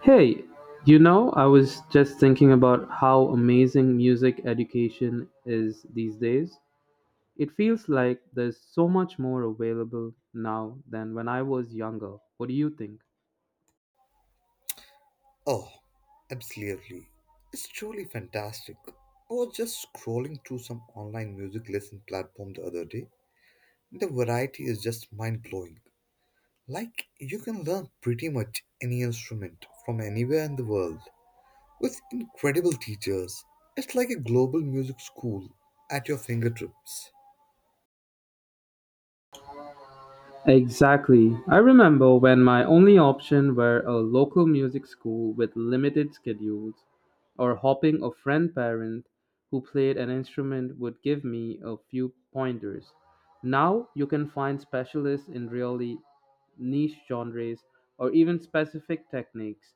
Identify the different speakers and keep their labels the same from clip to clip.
Speaker 1: Hey, I was just thinking about how amazing music education is these days. It feels like there's so much more available now than when I was younger. What do you think?
Speaker 2: Oh, absolutely. It's truly fantastic. I was just scrolling through some online music lesson platform the other day. The variety is just mind blowing. Like, you can learn pretty much any instrument from anywhere in the world with incredible teachers. It's like a global music school at your fingertips.
Speaker 1: Exactly. I remember when my only option were a local music school with limited schedules, or hopping a friend parent who played an instrument would give me a few pointers. Now you can find specialists in really niche genres, or even specific techniques.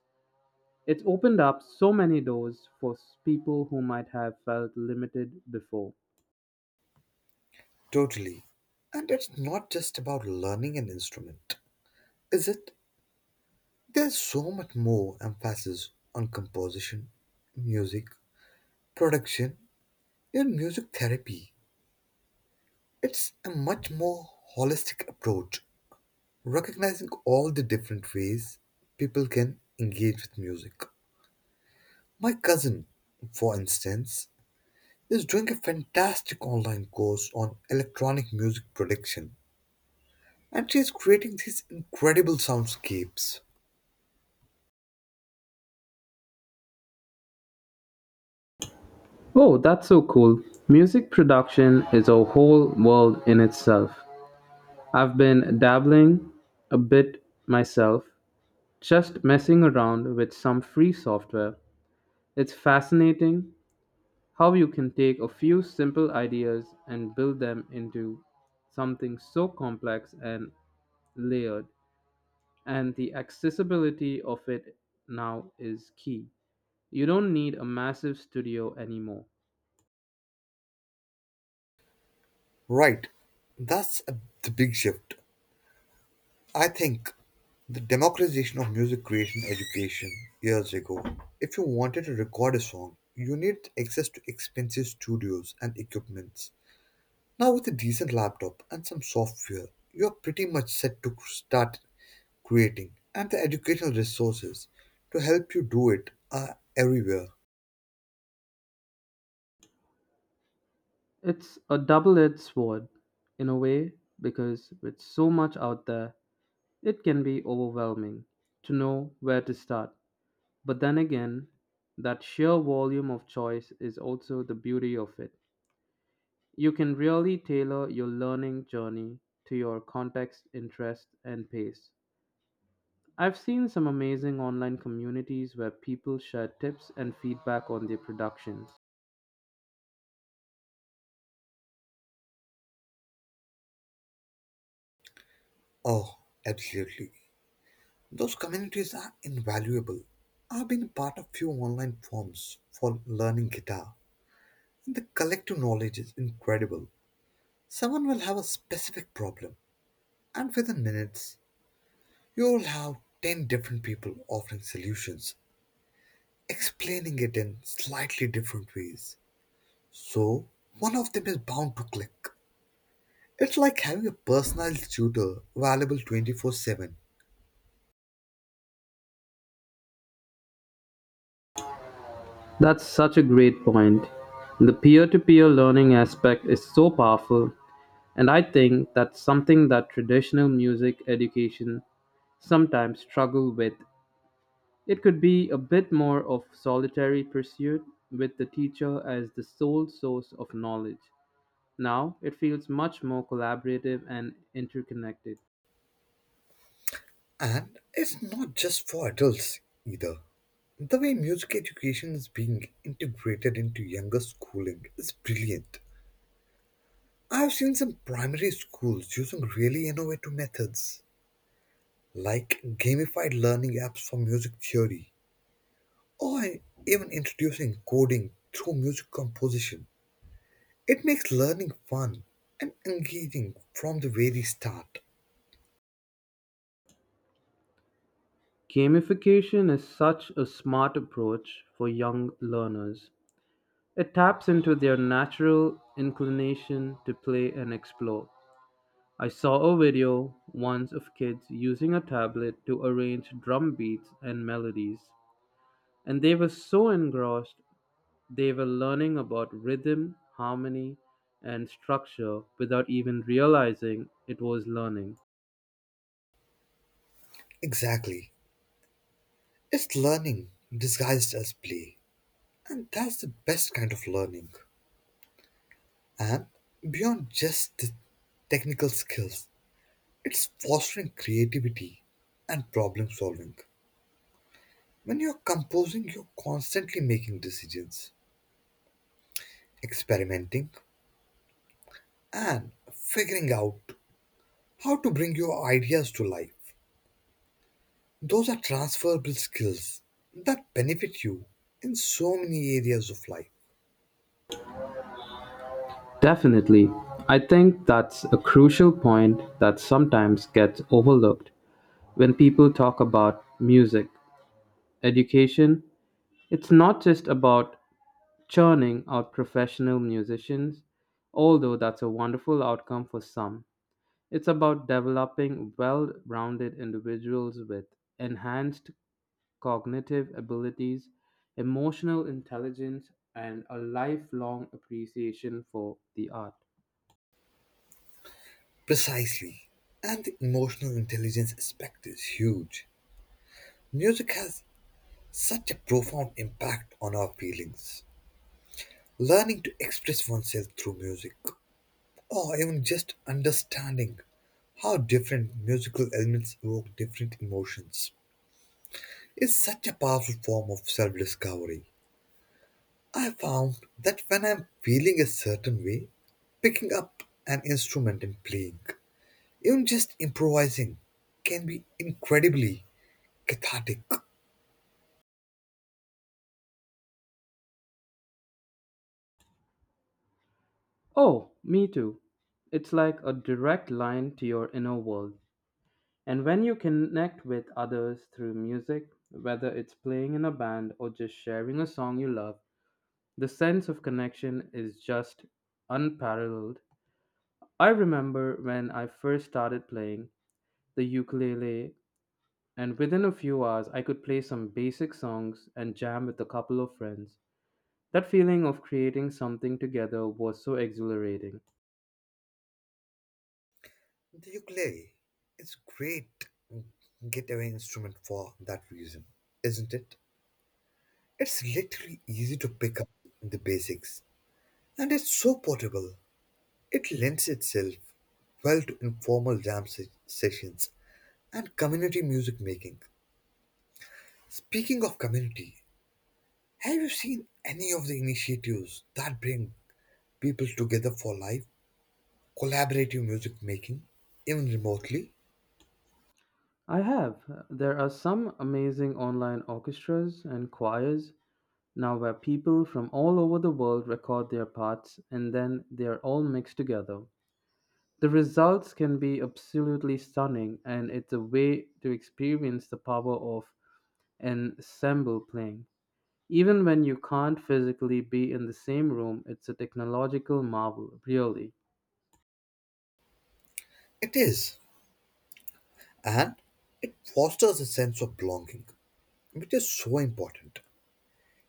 Speaker 1: It's opened up so many doors for people who might have felt limited before.
Speaker 2: Totally. And it's not just about learning an instrument, is it? There's so much more emphasis on composition, music, production in music therapy. It's a much more holistic approach, recognizing all the different ways people can engage with music. My cousin, for instance, is doing a fantastic online course on electronic music production, and she is creating these incredible soundscapes.
Speaker 1: Oh, that's so cool. Music production is a whole world in itself. I've been dabbling a bit myself, just messing around with some free software. It's fascinating how you can take a few simple ideas and build them into something so complex and layered. And the accessibility of it now is key. You don't need a massive studio anymore.
Speaker 2: Right, that's the big shift. I think the democratization of music creation education years ago, if you wanted to record a song, you needed access to expensive studios and equipments. Now, with a decent laptop and some software, you're pretty much set to start creating, and the educational resources to help you do it are everywhere.
Speaker 1: It's a double edged sword in a way because with so much out there, it can be overwhelming to know where to start. But then again, that sheer volume of choice is also the beauty of it. You can really tailor your learning journey to your context, interest, and pace. I've seen some amazing online communities where people share tips and feedback on their productions.
Speaker 2: Oh, absolutely. Those communities are invaluable. I've been part of few online forums for learning guitar. The collective knowledge is incredible. Someone will have a specific problem, and within minutes, you'll have 10 different people offering solutions, explaining it in slightly different ways. So, one of them is bound to click. It's like having a personalized tutor available 24/7.
Speaker 1: That's such a great point. The peer to peer learning aspect is so powerful, and I think that's something that traditional music education sometimes struggle with. It could be a bit more of solitary pursuit with the teacher as the sole source of knowledge. Now it feels much more collaborative and interconnected.
Speaker 2: And it's not just for adults either. The way music education is being integrated into younger schooling is brilliant. I've seen some primary schools using really innovative methods, like gamified learning apps for music theory, or even introducing coding through music composition. It makes learning fun and engaging from the very start.
Speaker 1: Gamification is such a smart approach for young learners. It taps into their natural inclination to play and explore. I saw a video once of kids using a tablet to arrange drum beats and melodies, and they were so engrossed they were learning about rhythm, harmony, and structure without even realizing it was learning.
Speaker 2: Exactly. It's learning disguised as play, and that's the best kind of learning. And beyond just the technical skills, it's fostering creativity and problem solving. When you're composing, you're constantly making decisions, experimenting, and figuring out how to bring your ideas to life. Those are transferable skills that benefit you in so many areas of life.
Speaker 1: Definitely. I think that's a crucial point that sometimes gets overlooked when people talk about music education. It's not just about churning out professional musicians, although that's a wonderful outcome for some. It's about developing well rounded individuals with enhanced cognitive abilities, emotional intelligence, and a lifelong appreciation for the art.
Speaker 2: Precisely. And the emotional intelligence aspect is huge. Music has such a profound impact on our feelings. Learning to express oneself through music, or even just understanding how different musical elements evoke different emotions, is such a powerful form of self discovery. I found that when I'm feeling a certain way, picking up an instrument and playing, even just improvising, can be incredibly cathartic.
Speaker 1: Oh, me too. It's like a direct line to your inner world. And when you connect with others through music, whether it's playing in a band or just sharing a song you love, the sense of connection is just unparalleled. I remember when I first started playing the ukulele, and within a few hours, I could play some basic songs and jam with a couple of friends. That feeling of creating something together was so exhilarating.
Speaker 2: The ukulele is great getaway instrument for that reason, isn't it? It's literally easy to pick up the basics, and it's so portable. It lends itself well to informal sessions and community music making. Speaking of community, have you seen any of the initiatives that bring people together for life, collaborative music making, even remotely?
Speaker 1: I have. There are some amazing online orchestras and choirs now where people from all over the world record their parts and then they are all mixed together. The results can be absolutely stunning, and it's a way to experience the power of ensemble playing. Even when you can't physically be in the same room, it's a technological marvel, really.
Speaker 2: It is, and it fosters a sense of belonging, which is so important.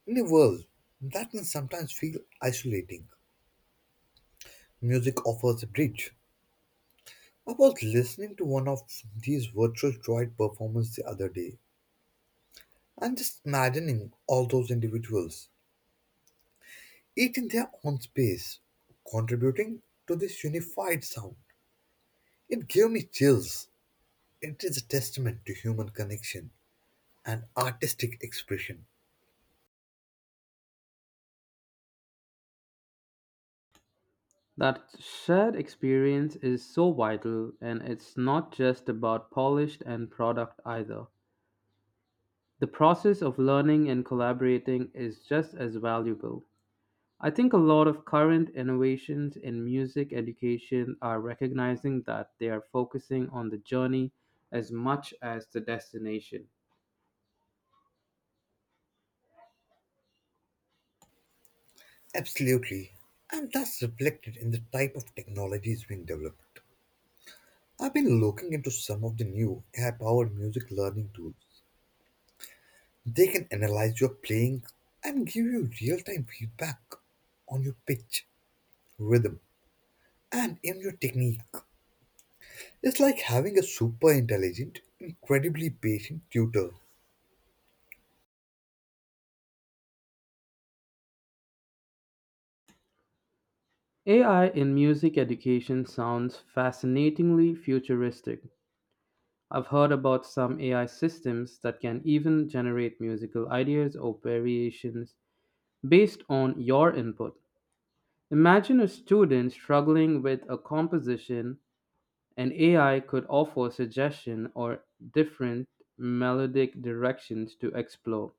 Speaker 2: In a world that can sometimes feel isolating, music offers a bridge. I was listening to one of these virtual droid performances the other day, and just imagining all those individuals, each in their own space, contributing to this unified sound. It gave me chills. It is a testament to human connection and artistic expression.
Speaker 1: That shared experience is so vital, and it's not just about polished and product either. The process of learning and collaborating is just as valuable. I think a lot of current innovations in music education are recognizing that they are focusing on the journey as much as the destination.
Speaker 2: Absolutely. And that's reflected in the type of technologies being developed. I've been looking into some of the new AI powered music learning tools. They can analyze your playing and give you real time feedback on your pitch, rhythm, and even your technique. It's like having a super intelligent, incredibly patient tutor.
Speaker 1: AI in music education sounds fascinatingly futuristic. I've heard about some AI systems that can even generate musical ideas or variations based on your input. Imagine a student struggling with a composition, and AI could offer suggestion or different melodic directions to explore.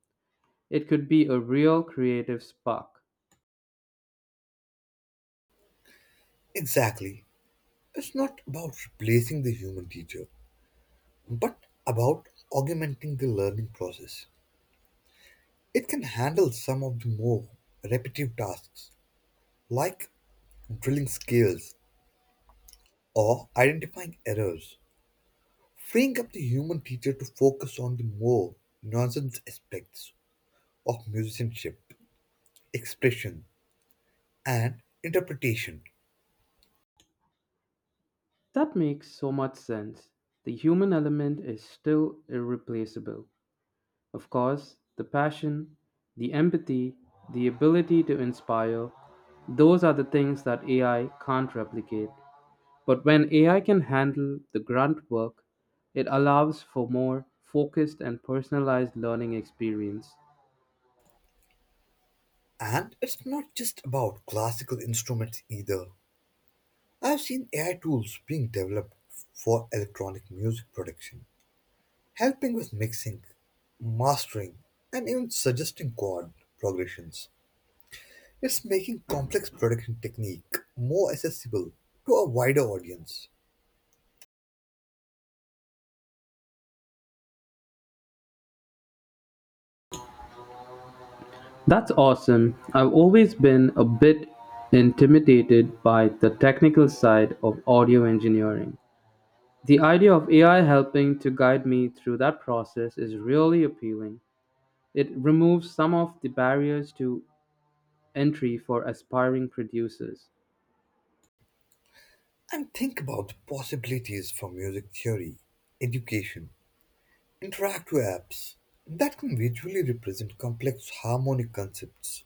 Speaker 1: It could be a real creative spark.
Speaker 2: Exactly. It's not about replacing the human teacher, but about augmenting the learning process. It can handle some of the more repetitive tasks, like drilling skills or identifying errors, freeing up the human teacher to focus on the more nuanced aspects of musicianship, expression, and interpretation.
Speaker 1: That makes so much sense. The human element is still irreplaceable. Of course, the passion, the empathy, the ability to inspire, those are the things that AI can't replicate. But when AI can handle the grunt work, it allows for more focused and personalized learning experience.
Speaker 2: And it's not just about classical instruments either. I've seen AI tools being developed for electronic music production, helping with mixing, mastering, and even suggesting chord progressions. It's making complex production technique more accessible to a wider audience.
Speaker 1: That's awesome. I've always been a bit intimidated by the technical side of audio engineering. The idea of AI helping to guide me through that process is really appealing. It removes some of the barriers to entry for aspiring producers.
Speaker 2: And think about the possibilities for music theory education, interactive apps that can visually represent complex harmonic concepts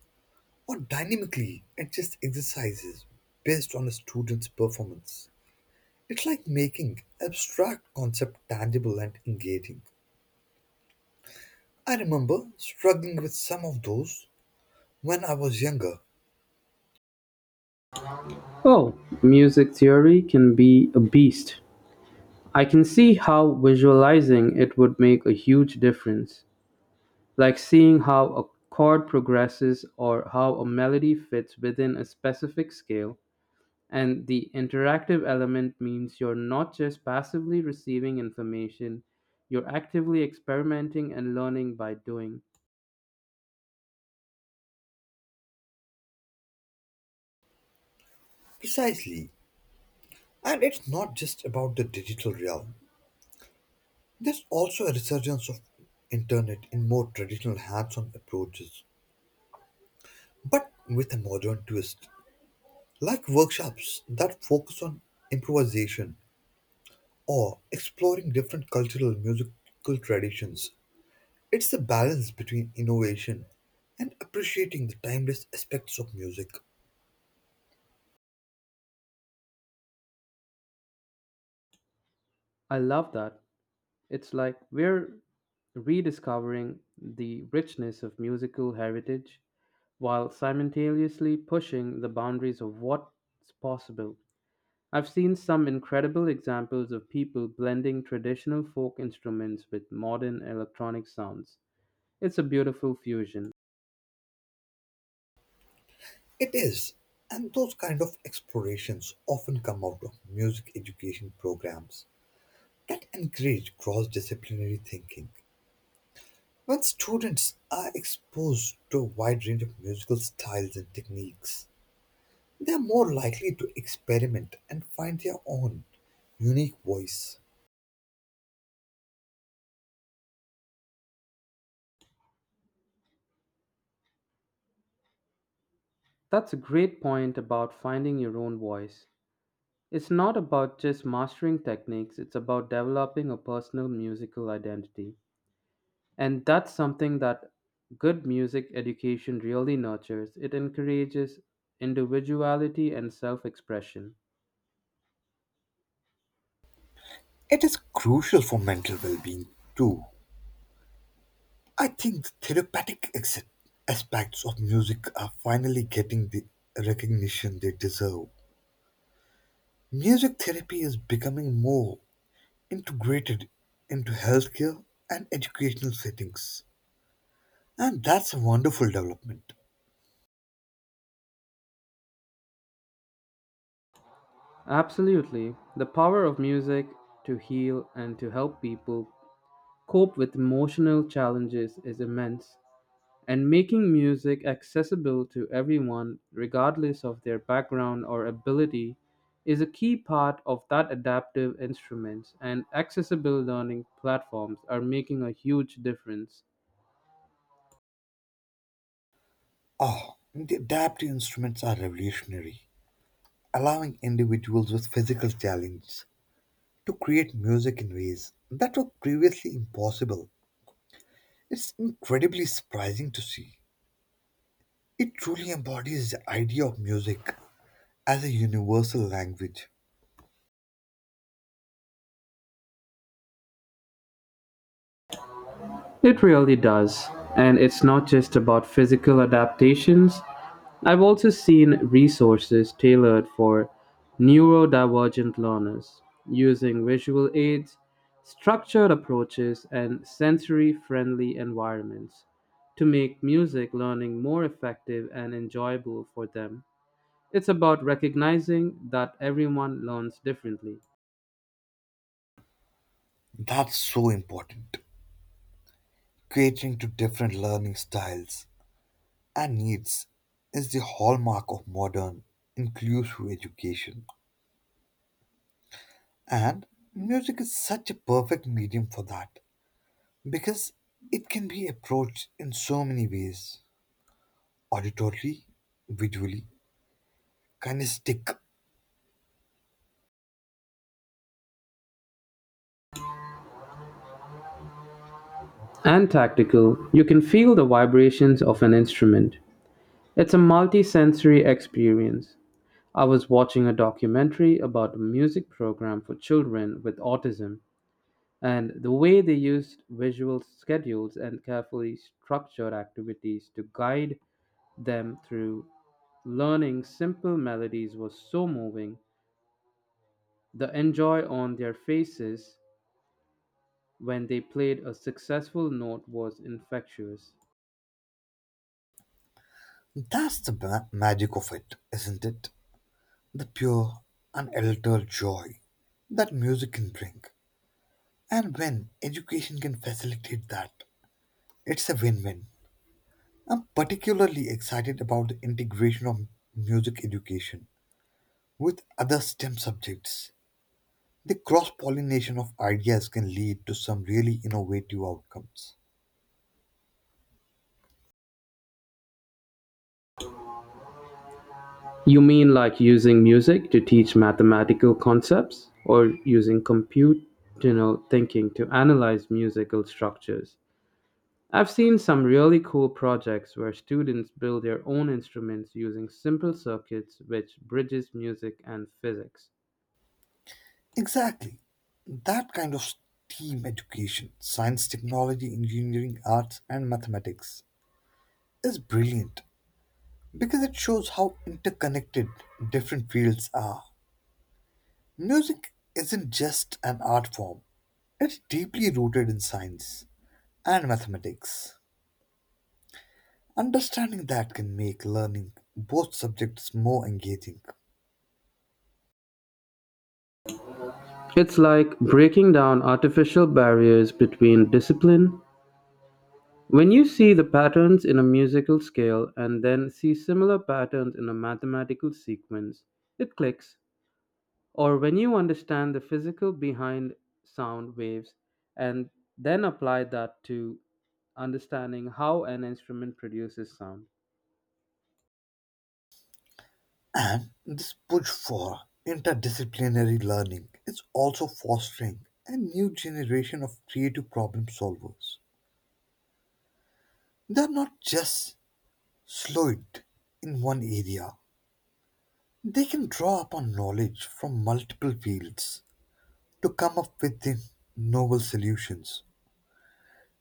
Speaker 2: or dynamically adjust exercises based on a student's performance. It's like making abstract concept tangible and engaging. I remember struggling with some of those when I was younger.
Speaker 1: Oh, music theory can be a beast. I can see how visualizing it would make a huge difference, like seeing how a chord progresses or how a melody fits within a specific scale. And the interactive element means you're not just passively receiving information, you're actively experimenting and learning by doing.
Speaker 2: Precisely. And it's not just about the digital realm. There's also a resurgence of internet in more traditional hands-on approaches, but with a modern twist. Like workshops that focus on improvisation or exploring different cultural musical traditions. It's the balance between innovation and appreciating the timeless aspects of music.
Speaker 1: I love that. It's like we're rediscovering the richness of musical heritage while simultaneously pushing the boundaries of what's possible. I've seen some incredible examples of people blending traditional folk instruments with modern electronic sounds. It's a beautiful fusion.
Speaker 2: It is, and those kind of explorations often come out of music education programs that encourage cross disciplinary thinking. When students are exposed to a wide range of musical styles and techniques, they are more likely to experiment and find their own unique voice.
Speaker 1: That's a great point about finding your own voice. It's not about just mastering techniques, it's about developing a personal musical identity. And that's something that good music education really nurtures. It encourages individuality and self expression.
Speaker 2: It is crucial for mental well being, too. I think the aspects of music are finally getting the recognition they deserve. Music therapy is becoming more integrated into healthcare and educational settings, and that's a wonderful development.
Speaker 1: Absolutely. The power of music to heal and to help people cope with emotional challenges is immense. And making music accessible to everyone, regardless of their background or ability, is a key part of that adaptive instruments and accessible learning platforms are making a huge difference.
Speaker 2: Ah, the adaptive instruments are revolutionary, allowing individuals with physical challenges to create music in ways that were previously impossible. It's incredibly surprising to see. It truly embodies the idea of music as a universal language.
Speaker 1: It really does. And it's not just about physical adaptations. I've also seen resources tailored for neurodivergent learners using visual aids, structured approaches, and sensory friendly environments to make music learning more effective and enjoyable for them. It's about recognizing that everyone learns differently.
Speaker 2: That's so important. Catering to different learning styles and needs is the hallmark of modern, inclusive education. And music is such a perfect medium for that because it can be approached in so many ways: auditorily, visually, kinesthetic.
Speaker 1: And tactical, you can feel the vibrations of an instrument. It's a multisensory experience. I was watching a documentary about a music program for children with autism and the way they used visual schedules and carefully structured activities to guide them through learning simple melodies was so moving. The enjoy on their faces when they played a successful note was infectious.
Speaker 2: Magic of it, isn't it? The pure, unaltered joy that music can bring. And when education can facilitate that, it's a win win. I'm particularly excited about the integration of music education with other STEM subjects. The cross pollination of ideas can lead to some really innovative outcomes.
Speaker 1: You mean like using music to teach mathematical concepts, or using computational thinking to analyze musical structures? I've seen some really cool projects where students build their own instruments using simple circuits which bridges music and physics.
Speaker 2: Exactly. That kind of STEAM education, science, technology, engineering, arts, and mathematics, is brilliant because it shows how interconnected different fields are. Music isn't just an art form, it's deeply rooted in science and mathematics. Understanding that can make learning both subjects more engaging.
Speaker 1: It's like breaking down artificial barriers between discipline. When you see the patterns in a musical scale and then see similar patterns in a mathematical sequence, it clicks. Or when you understand the physical behind sound waves and then apply that to understanding how an instrument produces sound.
Speaker 2: And this push for interdisciplinary learning is also fostering a new generation of creative problem solvers. They are not just slowed in one area, they can draw upon knowledge from multiple fields to come up with the novel solutions.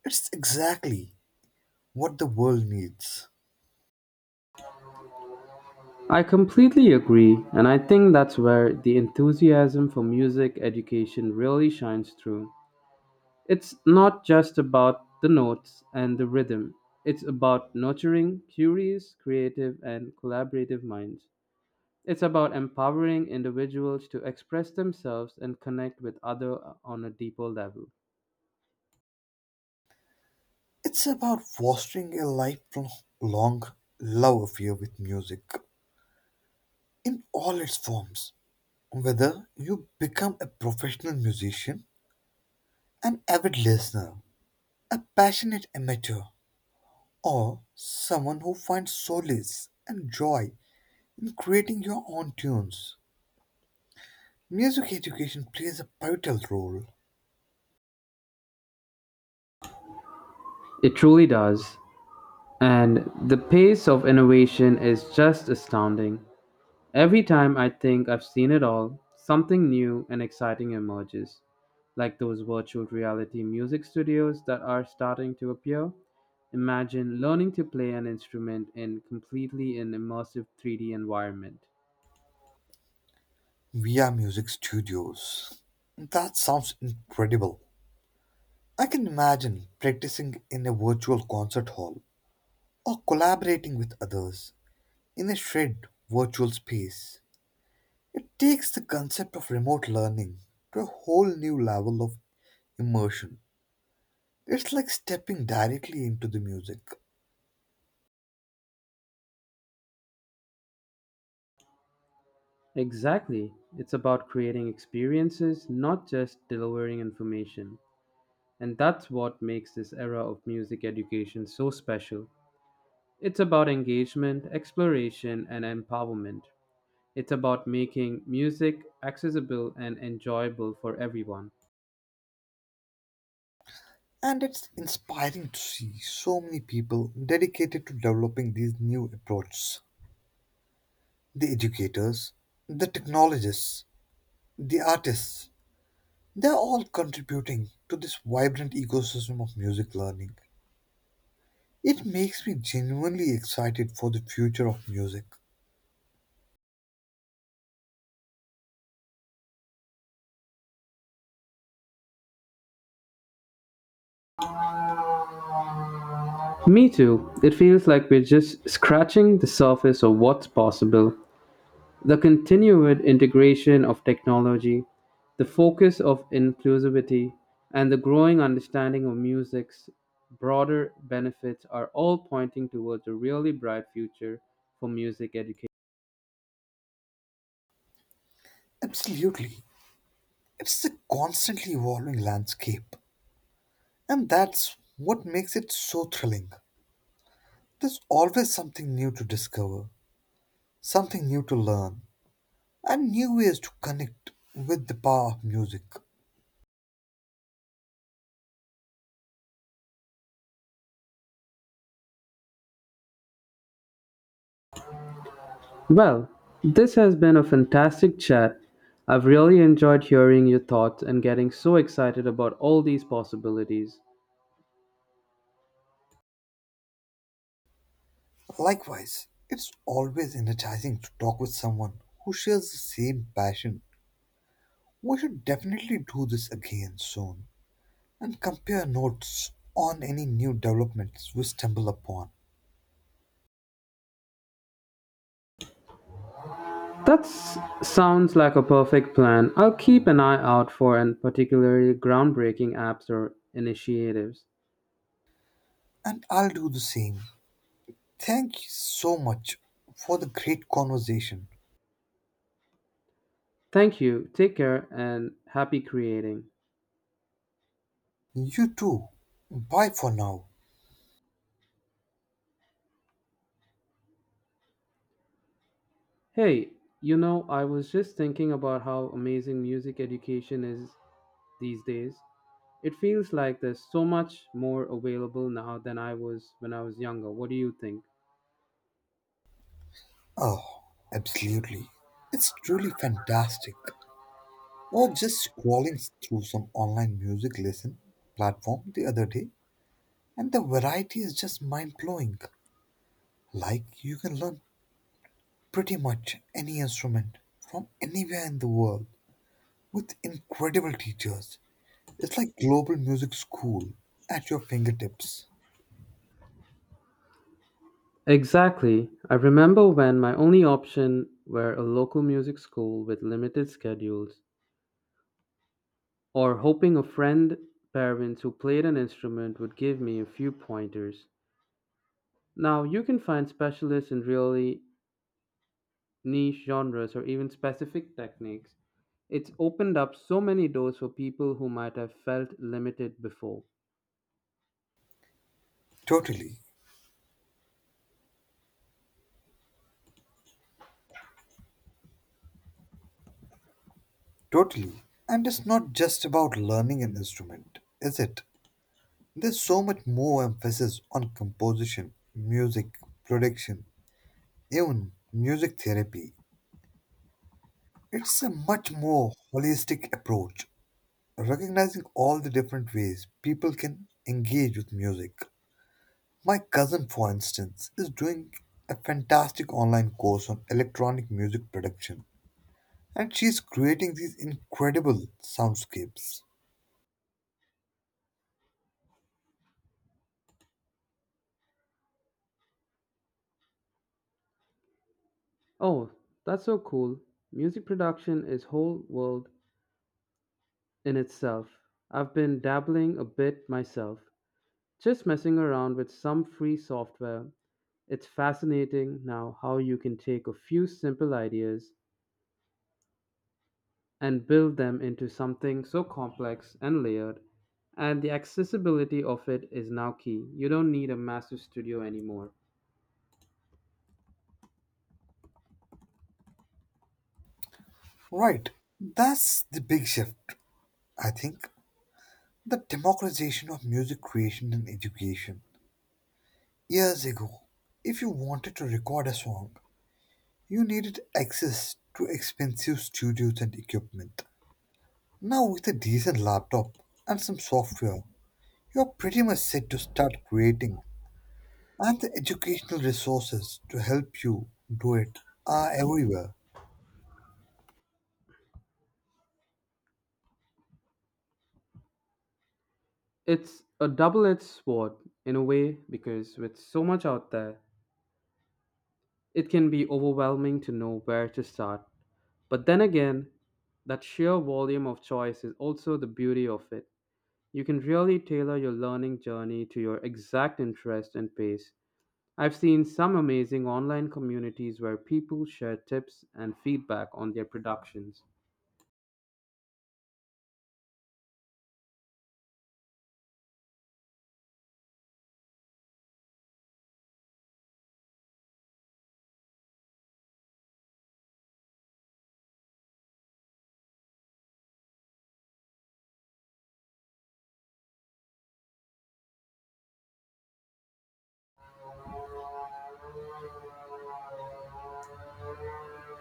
Speaker 2: It's exactly what the world needs.
Speaker 1: I completely agree, and I think that's where the enthusiasm for music education really shines through. It's not just about the notes and the rhythm, it's about nurturing curious, creative, and collaborative minds. It's about empowering individuals to express themselves and connect with others on a deeper level.
Speaker 2: It's about fostering a lifelong love affair with music in all its forms. Whether you become a professional musician, an avid listener, a passionate amateur, or someone who finds solace and joy in creating your own tunes, music education plays a pivotal role
Speaker 1: It truly does. And the pace of innovation is just astounding. Every time I think I've seen it all, something new and exciting emerges, like those virtual reality music studios that are starting to appear. Imagine learning to play an instrument in completely an immersive 3D environment.
Speaker 2: via music studios. That sounds incredible. I can imagine practicing in a virtual concert hall or collaborating with others in a shared virtual space. It takes the concept of remote learning to a whole new level of immersion. It's like stepping directly into the music,
Speaker 1: Exactly. It's about creating experiences, not just delivering information. And that's what makes this era of music education so special. It's about engagement, exploration, and empowerment. It's about making music accessible and enjoyable for everyone.
Speaker 2: and it's inspiring to see so many people dedicated to developing these new approaches. The educators, the technologists, the artists, they're all contributing to this vibrant ecosystem of music learning. It makes me genuinely excited for the future of music.
Speaker 1: Me too. It feels like we're just scratching the surface of what's possible. The continued integration of technology, the focus of inclusivity, and the growing understanding of music's broader benefits are all pointing towards a really bright future for music education.
Speaker 2: Absolutely. It's a constantly evolving landscape, and that's what makes it so thrilling. There's always something new to discover, something new to learn, and new ways to connect with the power of music.
Speaker 1: Well, this has been a fantastic chat. I've really enjoyed hearing your thoughts and getting so excited about all these possibilities.
Speaker 2: Likewise, it's always energizing to talk with someone who shares the same passion. We should definitely do this again soon, and compare notes on any new developments we stumble upon.
Speaker 1: That sounds like a perfect plan. I'll keep an eye out for and particularly groundbreaking apps or initiatives.
Speaker 2: And I'll do the same. Thank you so much for the great conversation.
Speaker 1: Thank you. Take care and happy creating.
Speaker 2: You too. Bye for now.
Speaker 1: Hey, I was just thinking about how amazing music education is these days. It feels like there's so much more available now than I was when I was younger. What do you think?
Speaker 2: Oh, absolutely. It's truly fantastic. Or just scrolling through some online music lesson platform the other day, and the variety is just mind blowing. Like, you can learn pretty much any instrument from anywhere in the world with incredible teachers. It's like global music school at your fingertips.
Speaker 1: Exactly. I remember when my only option were a local music school with limited schedules, or hoping a friend, parents who played an instrument would give me a few pointers. Now you can find specialists in really niche genres, or even specific techniques, it's opened up so many doors for people who might have felt limited before.
Speaker 2: Totally, totally. And it's not just about learning an instrument, is it? There's so much more emphasis on composition, music, production, even music therapy. It's a much more holistic approach, recognizing all the different ways people can engage with music. My cousin, for instance, is doing a fantastic online course on electronic music production, and she's creating these incredible soundscapes.
Speaker 1: Oh, that's so cool. Music production is whole world in itself. I've been dabbling a bit myself, just messing around with some free software. It's fascinating now how you can take a few simple ideas and build them into something so complex and layered. And the accessibility of it is now key. You don't need a massive studio anymore.
Speaker 2: Right, that's the big shift, I think. The democratization of music creation and education. Years ago, if you wanted to record a song, you needed access to expensive studios and equipment. Now, with a decent laptop and some software, you're pretty much set to start creating, and the educational resources to help you do it are everywhere.
Speaker 1: It's a double edged sword in a way because with so much out there, it can be overwhelming to know where to start. But then again, that sheer volume of choice is also the beauty of it. You can really tailor your learning journey to your exact interest and pace. I've seen some amazing online communities where people share tips and feedback on their productions.